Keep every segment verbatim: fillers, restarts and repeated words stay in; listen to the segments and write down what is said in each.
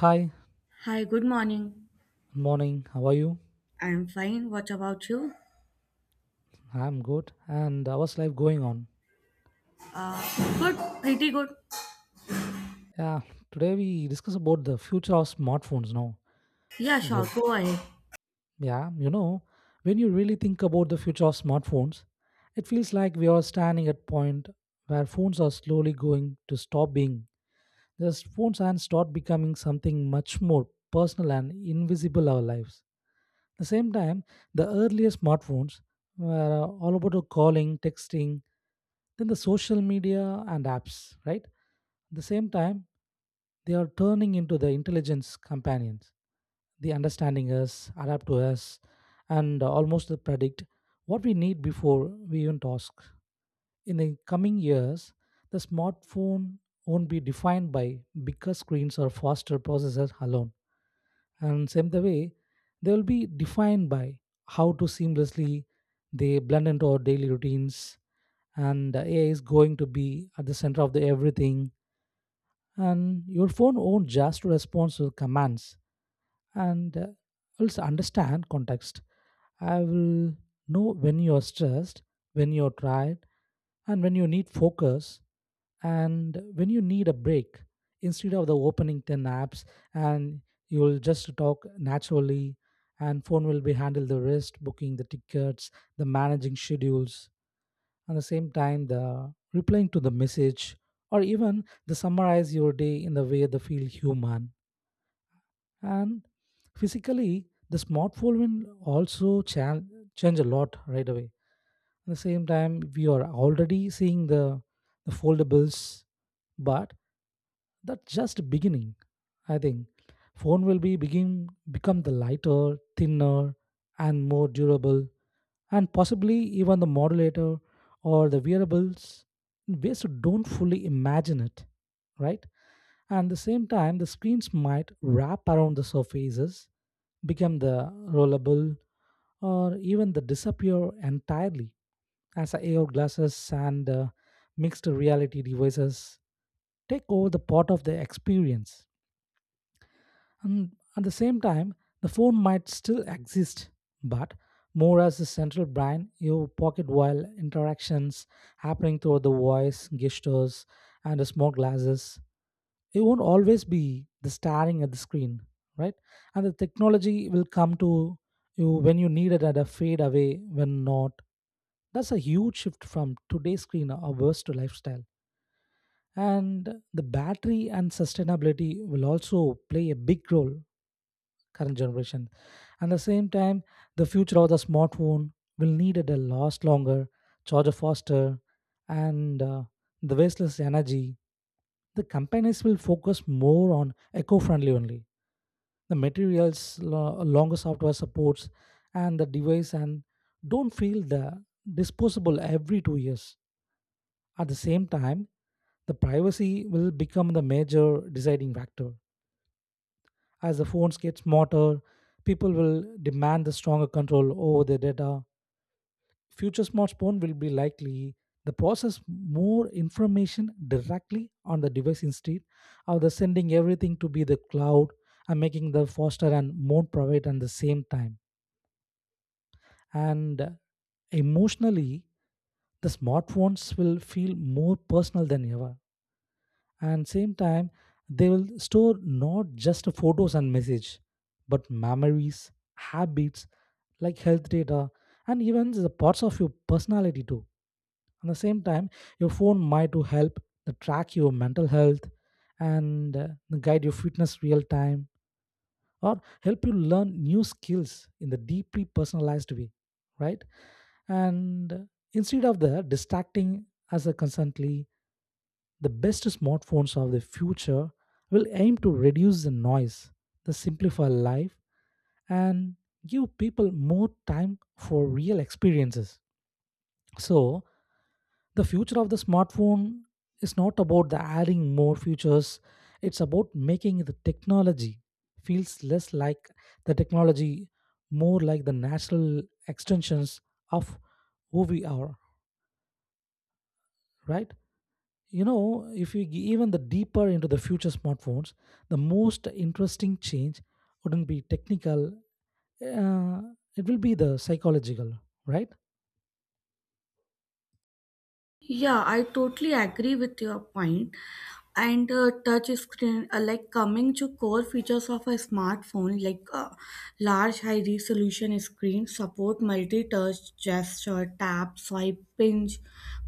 Hi, Hi, good morning. good morning. How are you? I'm fine. What about you? I'm good. And uh, what's life going on? Good, pretty good. Yeah, today we discuss about the future of smartphones now. Yeah, Yeah. sure, go ahead. yeah, you know, when you really think about the future of smartphones, it feels like we are standing at point where phones are slowly going to stop being just phones and start becoming something much more personal and invisible our lives. The same time, the earlier smartphones were uh, all about the calling, texting, then the social media and apps, right? At the same time, they are turning into the intelligence companions. They understanding us, adapt to us, and almost predict what we need before we even ask. In the coming years, the smartphone won't be defined by bigger screens or faster processors alone and same the way they will be defined by how to seamlessly they blend into our daily routines, and uh, A I is going to be at the center of the everything and your phone won't just respond to commands and uh, also understand context. I will know when you are stressed, when you are tired, and when you need focus, and when you need a break. Instead of the opening ten apps, and you will just talk naturally, and phone will be handle the rest, booking the tickets, the managing schedules, and the same time the replying to the message, or even the summarize your day in the way that feel human and physically the smartphone will also cha- change a lot right away. At the same time we are already seeing the, the foldables, but that's just beginning. I think phone will be begin become the lighter thinner and more durable and possibly even the modulator or the wearables in ways you don't fully imagine it, right? And the same time the screens might wrap around the surfaces become the rollable or even the disappear entirely as A R glasses and uh, mixed reality devices take over the part of the experience. And at the same time, the phone might still exist, but more as a central brain, your pocket while interactions happening through the voice, gestures, and the small glasses. You won't always be the staring at the screen, right? And the technology will come to you when you need it and a fade away when not. That's a huge shift from today's screen averse to lifestyle, and the battery and sustainability will also play a big role current generation. And at the same time, the future of the smartphone will need it to last longer, charge faster, and uh, the wasteless energy. The companies will focus more on eco-friendly only. The materials, lo- longer software supports, and the device, and don't feel the disposable every two years. At the same time, the privacy will become the major deciding factor. As the phones get smarter, people will demand the stronger control over their data. Future smartphone will be likely the process more information directly on the device instead of the sending everything to be the cloud and making the faster and more private at the same time. And emotionally, the smartphones will feel more personal than ever and same time they will store not just photos and message but memories habits like health data and even the parts of your personality too. At the same time your phone might to help to track your mental health and uh, guide your fitness real time or help you learn new skills in the deeply personalized way, right? and uh, instead of the distracting as a constantly the best smartphones of the future will aim to reduce the noise, the simplify life, and give people more time for real experiences. So, the future of the smartphone is not about the adding more features, it's about making the technology feels less like the technology, more like the natural extensions of who we are, right? You know if you g- even the deeper into the future smartphones the most interesting change wouldn't be technical, uh, it will be the psychological, right? Yeah, I totally agree with your point. And uh, Touch screen, uh, like coming to core features of a smartphone, like uh, large high resolution screen, support multi touch gesture, tap, swipe, pinch.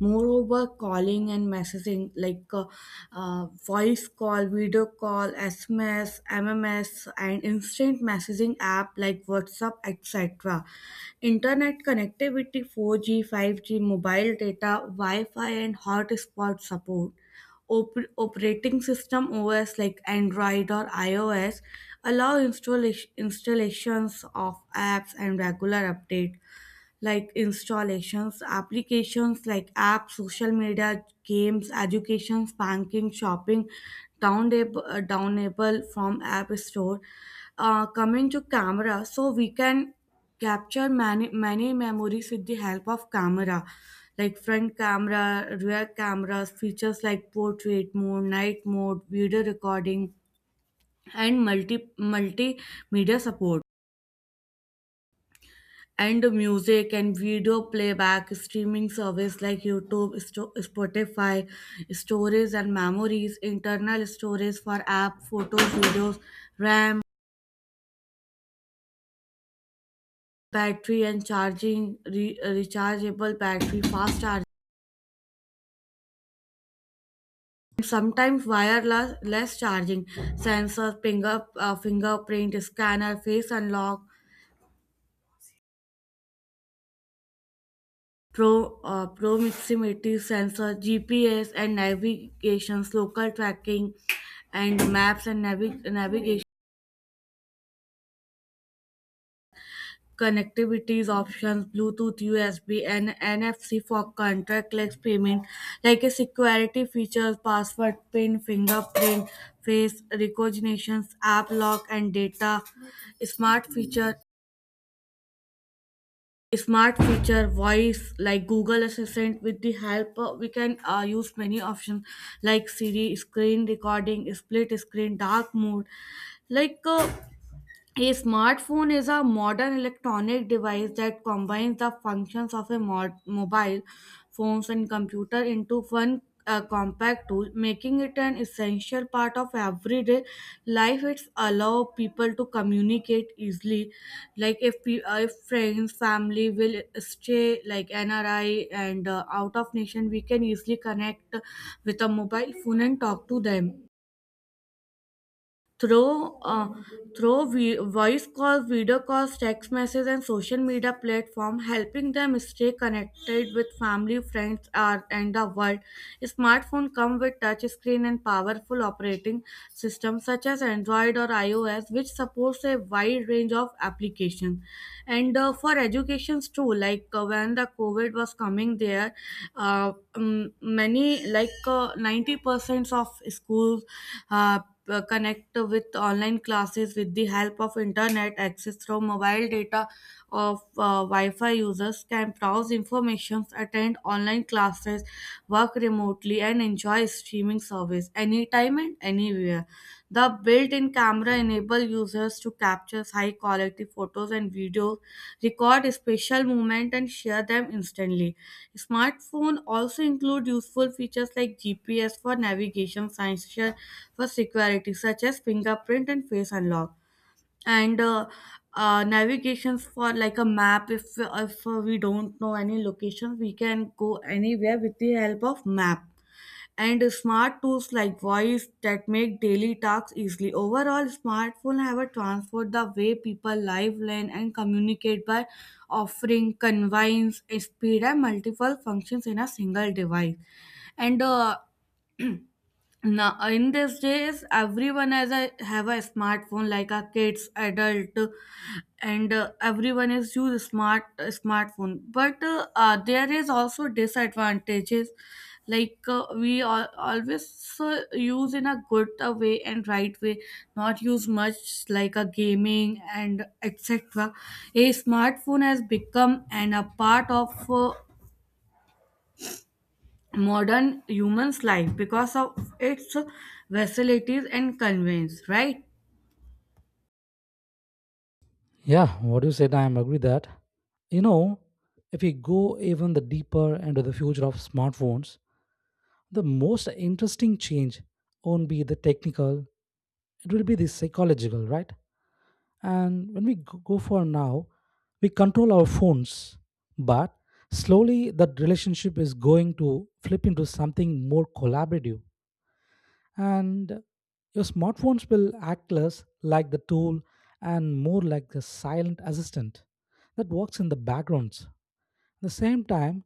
Moreover, calling calling and messaging like uh, uh, voice call, video call, S M S, M M S, and instant messaging app like WhatsApp, et cetera. Internet connectivity four G, five G, mobile data, Wi Fi, and hotspot support, op- operating system O S like Android or iOS, allow installa- installations of apps and regular update, like installations, applications like apps, social media, games, educations, banking, shopping, downab- uh, downable from app store. Uh, coming to camera, so we can capture many many memories with the help of camera, like front camera, rear cameras, features like portrait mode, night mode, video recording, and multi multimedia support, and music and video playback, streaming service like youtube, Sto- spotify, stories and memories, internal storage for app, photos, videos, ram, battery and charging, re- rechargeable battery, fast charging, sometimes wireless less charging, sensor, finger uh, fingerprint scanner, face unlock, Pro, uh, proximity sensor, G P S and navigations, local tracking, and maps and navi- navigation, connectivities options, Bluetooth, U S B and N F C for contactless payment, like a security features, password, pin, fingerprint, face recognitions, app lock and data, smart feature smart feature voice like google assistant, with the help uh, we can uh, use many options like siri, screen recording, split screen, dark mode. like uh, a smartphone is a modern electronic device that combines the functions of a mod- mobile phones and computer into one uh, compact tool, making it an essential part of everyday life. It's allow people to communicate easily, like if, pe- uh, if friends, family will stay like N R I, and uh, out of nation, we can easily connect with a mobile phone and talk to them. Through, uh, through vi- voice calls, video calls, text messages, and social media platform, helping them stay connected with family, friends, uh, and the world. Smartphone come with touch screen and powerful operating systems such as Android or iOS, which supports a wide range of applications. And uh, For educations too, like uh, when the COVID was coming there, uh, um, many like uh, ninety percent of schools uh, uh, connect with online classes with the help of internet access through mobile data of uh, wi-fi, users can browse information, attend online classes, work remotely, and enjoy streaming service anytime and anywhere. The built-in camera enable users to capture high-quality photos and videos, record special moments, and share them instantly. Smartphones also include useful features like G P S for navigation, sensor for security, such as fingerprint and face unlock, and uh, uh, navigations for like a map. If if uh, we don't know any location, we can go anywhere with the help of map and smart tools like voice that make daily tasks easily. Overall, smartphones have transformed the way people live, learn, and communicate by offering convenience, speed, and multiple functions in a single device. And uh, Now in these days everyone has a have a smartphone like a kids, adult, and uh, everyone is use smart uh, smartphone, but uh, uh, there is also disadvantages, like uh, we al- always uh, use in a good uh, way and right way, not use much like a gaming and etc. A smartphone has become an a part of uh, modern human's life because of its facilities and convenience, right? Yeah what you said I am agree that. You know if we go even the deeper into the future of smartphones the most interesting change won't be the technical, it will be the psychological, right? And when we g- go for now, we control our phones, but slowly that relationship is going to flip into something more collaborative. And your smartphones will act less like the tool and more like the silent assistant that works in the backgrounds. At the same time,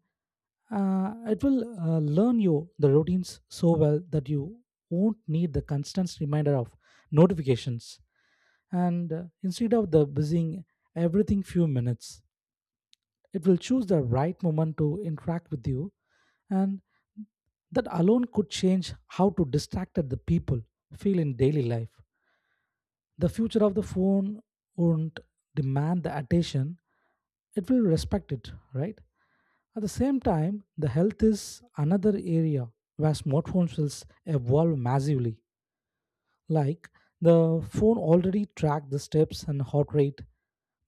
uh, it will uh, learn you the routines so well that you won't need the constant reminder of notifications, and uh, instead of the buzzing everything few minutes it will choose the right moment to interact with you, and that alone could change how to distracted the people feel in daily life. The future of the phone won't demand the attention, it will respect it, right? At the same time, the health is another area where smartphones will s- evolve massively. Like the phone already tracked the steps and heart rate,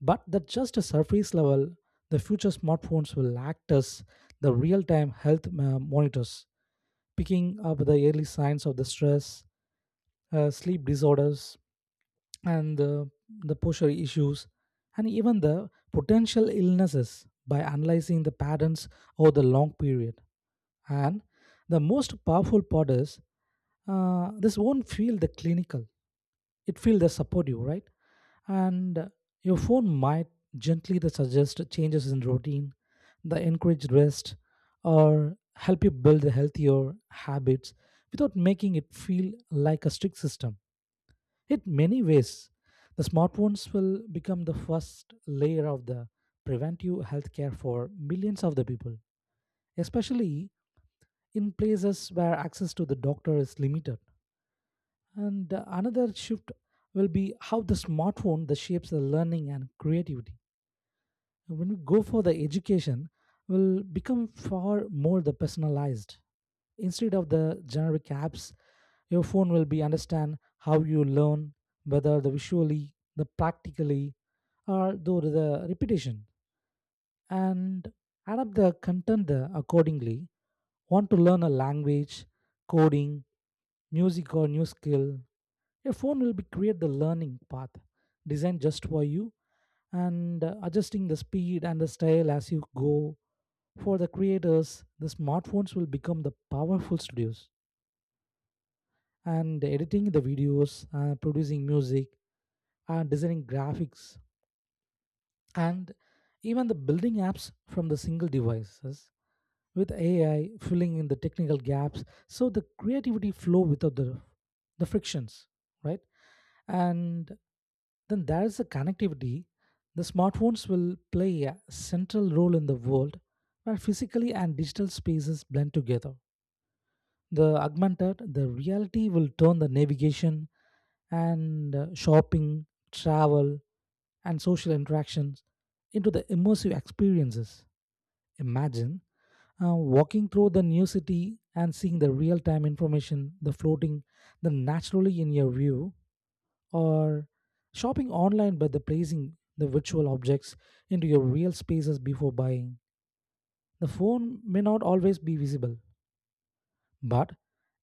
but that's just a surface level. The future smartphones will act as the real time health uh, monitors, picking up the early signs of the stress, uh, sleep disorders, and the, the posture issues, and even the potential illnesses by analyzing the patterns over the long period. And the most powerful part is, uh, this won't feel the clinical, it feel they support you, right? And uh, your phone might gently they suggest changes in routine, the encourage rest or help you build healthier habits without making it feel like a strict system. In many ways the smartphones will become the first layer of the preventive healthcare for millions of the people, especially in places where access to the doctor is limited. And uh, another shift will be how the smartphone that shapes the learning and creativity. When we go for the education, will become far more the personalized. Instead of the generic apps, your phone will be understand how you learn, whether the visually, the practically, or through the repetition, and adapt the content uh, accordingly. Want to learn a language, coding, music, or new skill, a phone will be create the learning path designed just for you and uh, adjusting the speed and the style as you go. For the creators, the smartphones will become the powerful studios and editing the videos, uh, producing music, uh, designing graphics, and even the building apps from the single devices with A I filling in the technical gaps so the creativity flow without the the frictions, right? And then there is the connectivity. The smartphones will play a central role in the world where physically and digital spaces blend together. The augmented, the reality will turn the navigation and uh, shopping, travel, and social interactions into the immersive experiences. Imagine uh, walking through the new city and seeing the real time information, the floating, the naturally in your view, or shopping online by the placing the virtual objects into your real spaces before buying. The phone may not always be visible, but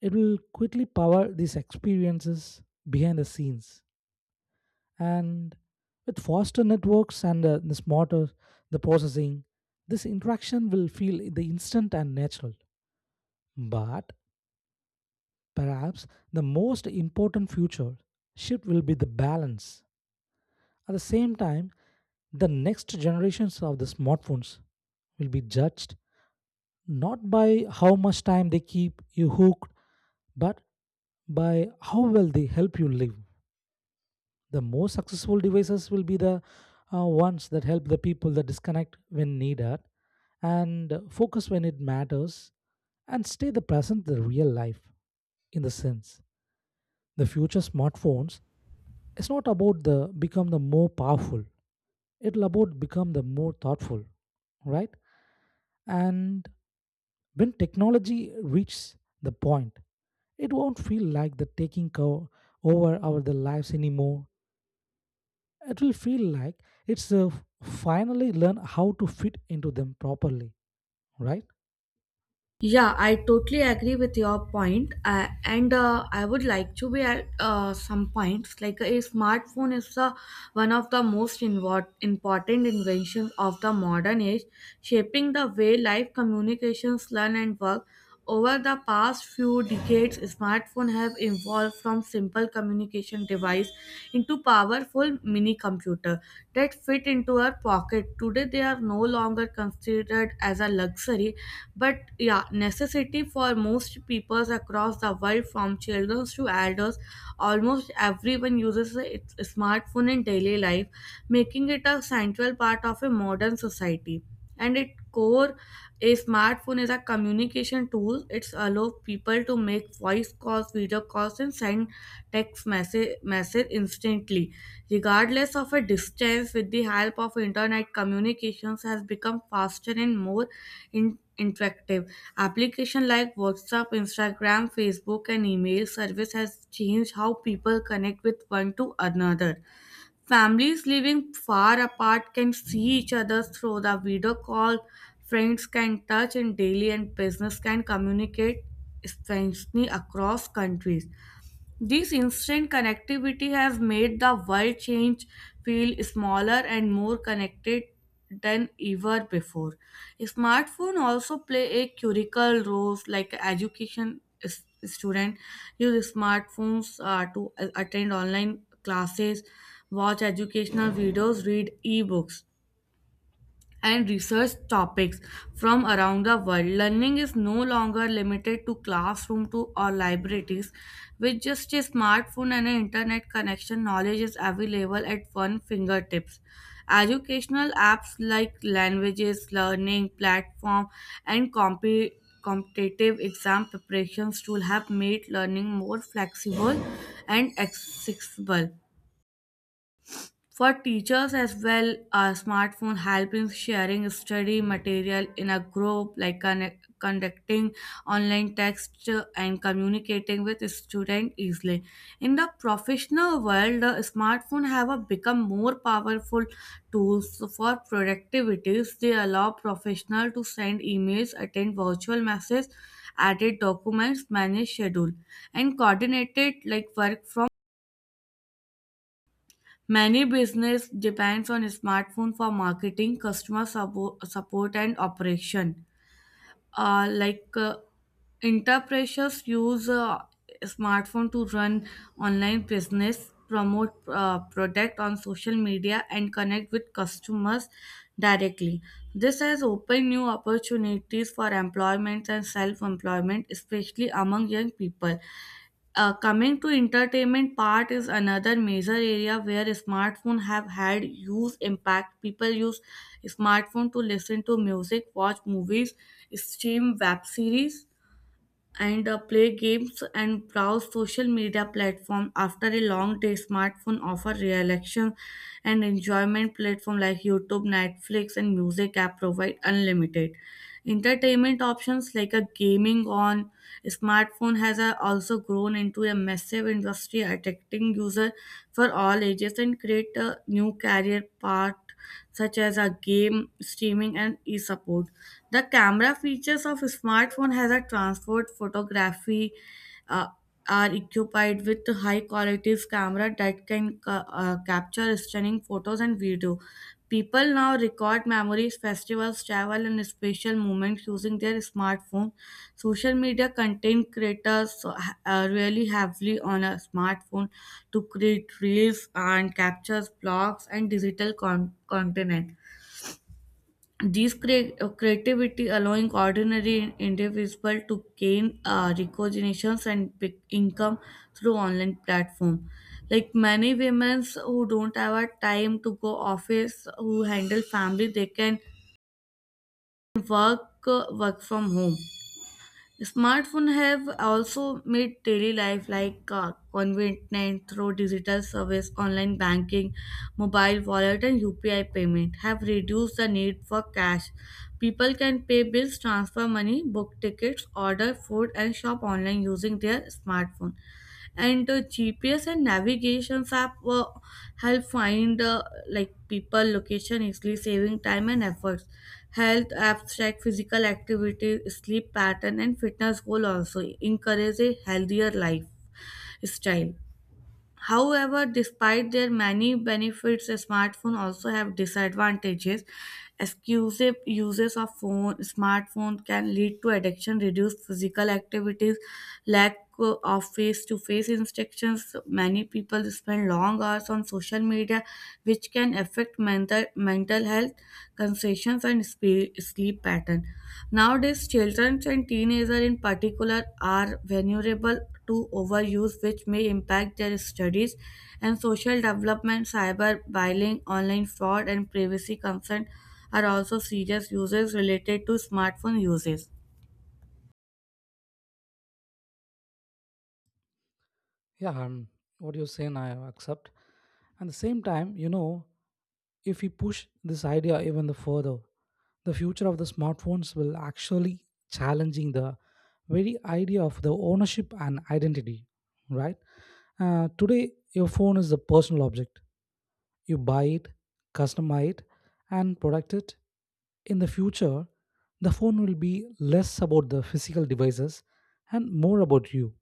it will quickly power these experiences behind the scenes. And with faster networks and uh, the smarter the processing, this interaction will feel the instant and natural. But perhaps the most important future shift will be the balance. At the same time, the next generations of the smartphones will be judged not by how much time they keep you hooked, but by how well they help you live. The most successful devices will be the uh, ones that help the people that disconnect when needed and focus when it matters and stay the present the real life. In the sense the future smartphones is not about the become the more powerful, it'll about become the more thoughtful, right? And when technology reaches the point, it won't feel like the taking co- over our the lives anymore. It will feel like it's uh, finally learn how to fit into them properly, right? Yeah, I totally agree with your point. Uh, and uh, I would like to be at uh, some points, like a smartphone is the one of the most invo- important inventions of the modern age, shaping the way life, communications, learn, and work. Over the past few decades, smartphones have evolved from simple communication device into powerful mini computer that fit into our pocket. Today, they are no longer considered as a luxury but yeah, necessity for most peoples across the world, from children to elders, almost everyone uses a its- a smartphone in daily life, making it a central part of a modern society. And its core, a smartphone is a communication tool. It's allow people to make voice calls, video calls, and send text message message instantly, regardless of a distance. With the help of internet, communications has become faster and more in- interactive. Application like WhatsApp, Instagram, Facebook, and email service has changed how people connect with one to another. Families living far apart can see each other through the video call. Friends can touch in daily, and business can communicate instantly across countries. This instant connectivity has made the world change feel smaller and more connected than ever before. Smartphone also play a critical role like education, s- student use smartphones uh, to a- attend online classes, watch educational videos, read ebooks, and research topics from around the world. Learning is no longer limited to classroom to or libraries. With just a smartphone and an internet connection, knowledge is available at one fingertips. Educational apps like languages, learning platform, and comp- competitive exam preparations tool have made learning more flexible and accessible. For teachers as well, a smartphone help in sharing study material in a group, like connect, conducting online text, uh, and communicating with students easily. In the professional world, the smartphone have become more powerful tools for productivity. They allow professional to send emails, attend virtual messages, edit documents, manage schedule, and coordinated like work from. Many business depends on smartphone for marketing, customer suppo- support, and operation. Uh, like uh, Entrepreneurs use uh, smartphone to run online business, promote uh, product on social media, and connect with customers directly. This has opened new opportunities for employment and self-employment, especially among young people. Uh, coming to entertainment part is another major area where smartphone have had huge impact. People use smartphone to listen to music, watch movies, stream web series, and uh, play games, and browse social media platform. After a long day, smartphone offer relaxation and enjoyment. Platform like youtube, netflix, and music app provide unlimited entertainment options. Like a gaming on smartphone has uh, also grown into a massive industry, attracting user for all ages, and create a new career path such as a game streaming and e-support. The camera features of smartphone has a transport photography, uh, are equipped with high quality camera that can ca- uh, capture stunning photos and video. People now record memories, festivals, travel, and special moments using their smartphone. Social media content creators uh, uh, really heavily on a smartphone to create reels and captures blogs and digital con- content. These cre- uh, creativity allowing ordinary individuals to gain uh, recognitions and big income through online platform. Like many women who don't have a time to go office, who handle family, they can work uh, work from home. Smartphones have also made daily life like uh, convenient through digital service, online banking, mobile wallet, and U P I payment have reduced the need for cash. People can pay bills, transfer money, book tickets, order food, and shop online using their smartphone. And uh, G P S and navigation app uh, help find uh, like people location easily, saving time and efforts. Health apps track physical activity, sleep pattern, and fitness goal also encourage a healthier lifestyle. However, despite their many benefits, smartphones also have disadvantages. Exclusive uses of phone smartphone can lead to addiction, reduced physical activities, lack of face-to-face instructions. Many people spend long hours on social media, which can affect mental mental health, concessions, and spe- sleep pattern. Nowadays, children and teenagers in particular are vulnerable to overuse, which may impact their studies and social development. Cyberbullying, online fraud, and privacy concern are also serious uses related to smartphone uses. Yeah, um, what you're saying, I accept. At the same time, you know, if we push this idea even the further, the future of the smartphones will actually challenging the very idea of the ownership and identity, right? Uh, today, your phone is a personal object. You buy it, customize it, and protect it. In the future, the phone will be less about the physical devices and more about you.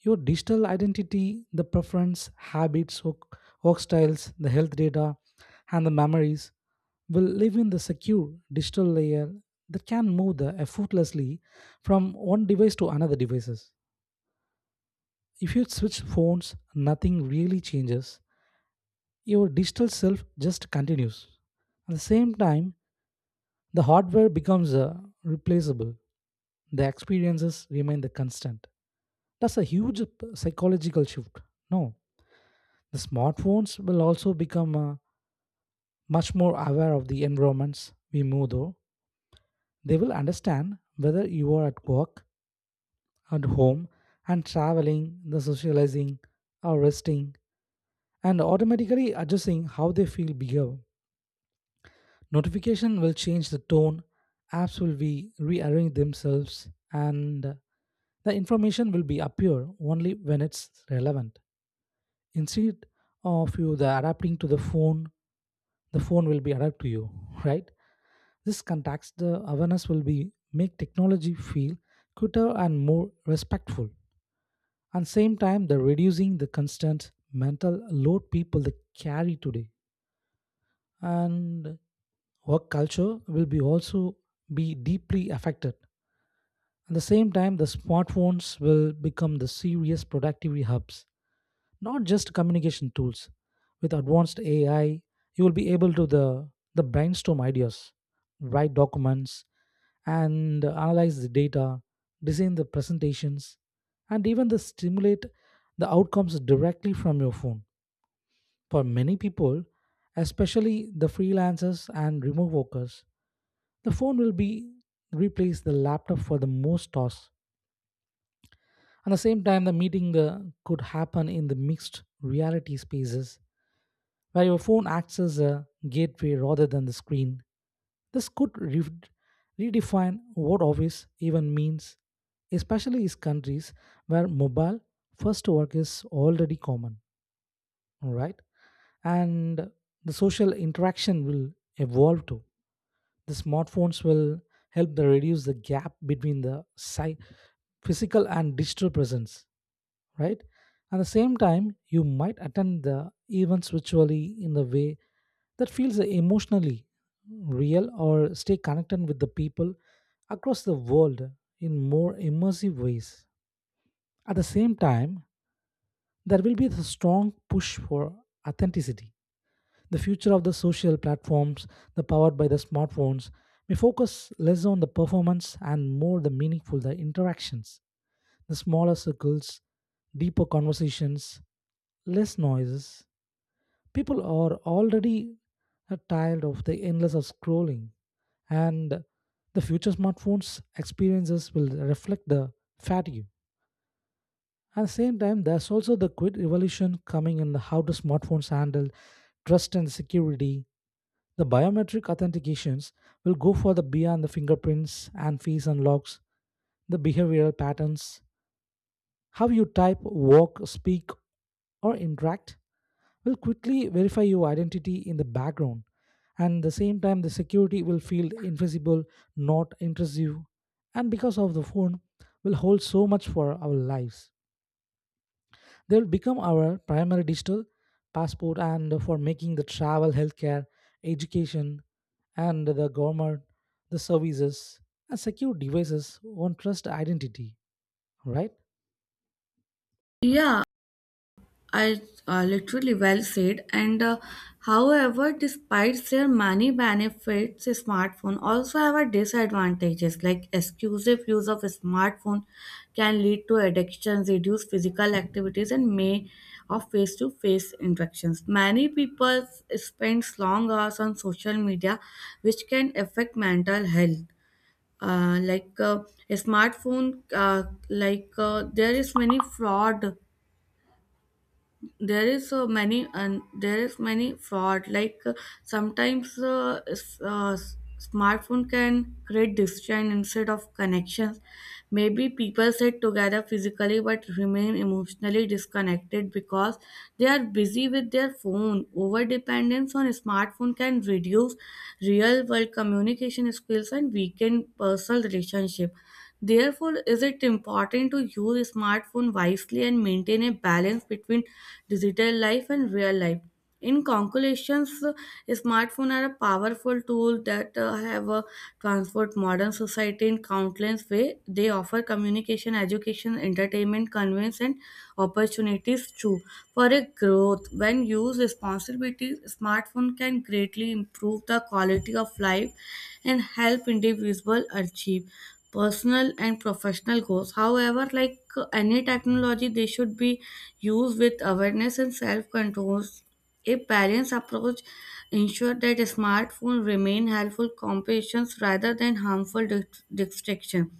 Your digital identity, the preference, habits, work, work styles, the health data, and the memories will live in the secure digital layer that can move the effortlessly from one device to another devices. If you switch phones, nothing really changes, your digital self just continues. At the same time, the hardware becomes uh, replaceable. The experiences remain the constant. That's a huge p- psychological shift. No, the smartphones will also become uh, much more aware of the environments we move through. They will understand whether you are at work, at home, and traveling, the socializing, or resting, and automatically adjusting how they feel behave. Notification will change the tone, apps will be rearrange themselves, and the information will be appear only when it's relevant. Instead of you the adapting to the phone, the phone will be adapt to you, right? This context, the awareness will be make technology feel quicker and more respectful. And same time, the reducing the constant mental load people they carry today. And work culture will be also be deeply affected. At the same time, the smartphones will become the serious productivity hubs, not just communication tools. With advanced A I, you will be able to the, the brainstorm ideas, write documents, and analyze the data, design the presentations, and even the stimulate the outcomes directly from your phone. For many people, especially the freelancers and remote workers, the phone will be replace the laptop for the most tasks. At the same time, the meeting uh, could happen in the mixed reality spaces where your phone acts as a gateway rather than the screen. This could re- redefine what office even means, especially in countries where mobile first work is already common, all right? And the social interaction will evolve too. The smartphones will help the reduce the gap between the sci- physical and digital presence, right? At the same time, you might attend the events virtually in the way that feels emotionally real or stay connected with the people across the world in more immersive ways. At the same time, there will be the strong push for authenticity. The future of the social platforms, the powered by the smartphones, may focus less on the performance and more the meaningful the interactions, the smaller circles, deeper conversations, less noises. People are already uh, tired of the endless of scrolling and the future smartphones experiences will reflect the fatigue. At the same time, there's also the quick revolution coming in how the smartphones handle trust and security. The biometric authentications will go for the beyond the fingerprints and face unlocks, the behavioral patterns, how you type, walk, speak, or interact will quickly verify your identity in the background. And at the same time, the security will feel invisible, not intrusive, and because of the phone, will hold so much for our lives. They will become our primary digital passport and for making the travel, healthcare, education, and the government, the services, and secure devices on trust identity, right? Yeah, I uh, literally well said. And uh, However, despite their many benefits, smartphone also have a disadvantages. Like exclusive use of smartphone can lead to addictions, reduce physical activities, and may of face-to-face interactions. Many people spend long hours on social media, which can affect mental health. Uh, like uh, a smartphone, uh, like uh, there is many fraud, there is so many, and there is many fraud, like uh, sometimes uh, s- uh, s- smartphone can create distraction instead of connections. Maybe people sit together physically but remain emotionally disconnected because they are busy with their phone. Over dependence on smartphone can reduce real world communication skills and weaken personal relationship. Therefore is it important to use smartphone wisely and maintain a balance between digital life and real life. In conclusions, smartphones are a powerful tool that uh, have uh, transformed modern society in countless ways. They offer communication, education, entertainment, convenience, and opportunities too for a growth. When used responsibly, smartphone can greatly improve the quality of life and help individuals achieve personal and professional goals. However, like uh, any technology, they should be used with awareness and self-control. A balanced approach ensure that smartphones remain helpful companions rather than harmful dic- distraction.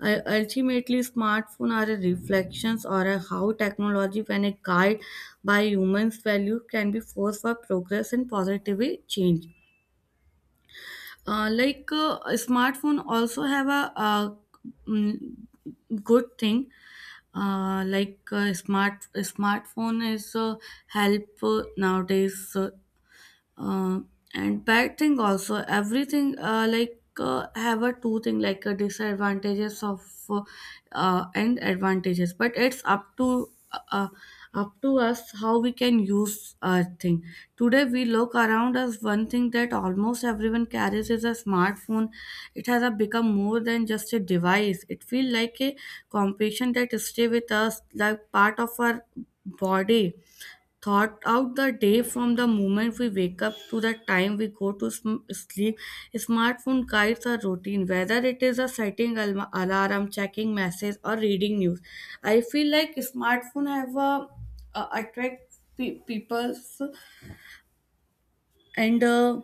Ul- Ultimately, smartphones are a reflections or a how technology, when a guide by humans' value, can be force for progress and positive change. Uh, like uh, smartphone also have a, uh mm, good thing. Uh, like uh, smart smartphone is uh, help uh, nowadays. uh, uh, and bad thing also, everything uh, like uh, have a two thing, like uh, disadvantages of uh, uh, and advantages, but it's up to uh, uh, up to us how we can use a thing. Today we look around us, one thing that almost everyone carries is a smartphone. It has uh, become more than just a device. It feels like a competition that stay with us like part of our body, thought out the day, from the moment we wake up to the time we go to sm- sleep. Smartphone guides our routine, whether it is a setting al- alarm, checking messages, or reading news. I feel like smartphone have a, a attract pe- people's and. Uh,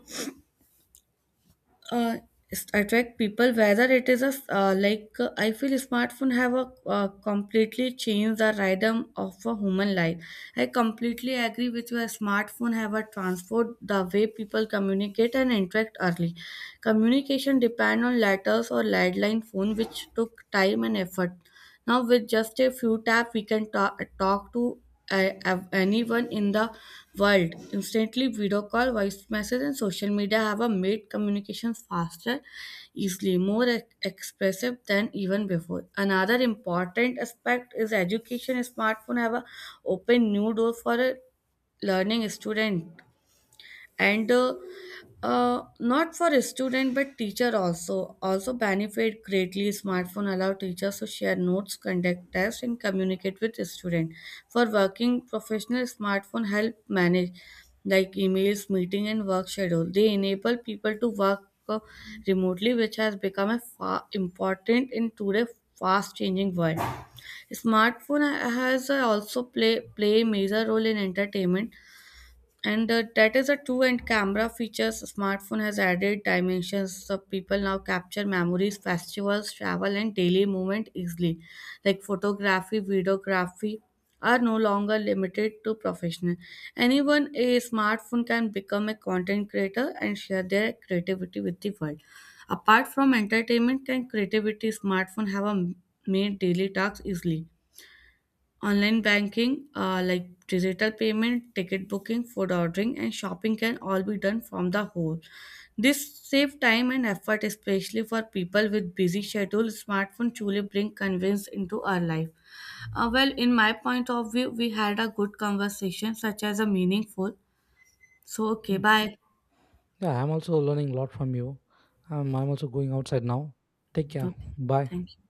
uh, Attract people, whether it is a uh, like uh, I feel smartphone have a uh, completely changed the rhythm of a human life. I completely agree with you, a smartphone have a transport the way people communicate and interact. Early communication depend on letters or landline phone which took time and effort. Now, with just a few taps, we can ta- talk to uh, av- anyone in the world. Instantly, video call, voice message, and social media have uh, made communications faster, easily, more ex- expressive than even before. Another important aspect is education. Smartphone have uh, opened new door for a learning student, and uh, uh, not for a student but teacher also also benefit greatly. Smartphone allow teachers to share notes, conduct tests, and communicate with student. For working professional, smartphone help manage like emails, meeting, and work schedule. They enable people to work uh, remotely, which has become a fa- important in today's fast changing world. Smartphone has uh, also play play a major role in entertainment. And uh, that is a true. And camera features smartphone has added dimensions, so people now capture memories, festivals, travel, and daily movement easily. Like photography, videography are no longer limited to professional. Anyone a smartphone can become a content creator and share their creativity with the world. Apart from entertainment and creativity, smartphone have a made daily tasks easily. Online banking, uh, like digital payment, ticket booking, food ordering, and shopping can all be done from the home. This save time and effort, especially for people with busy schedules. Smartphone truly bring convenience into our life. Uh, well, in my point of view, we had a good conversation, such as a meaningful. So, okay, Mm. bye. Yeah, I'm also learning a lot from you. Um, I'm also going outside now. Take care. Okay, Bye. thank you.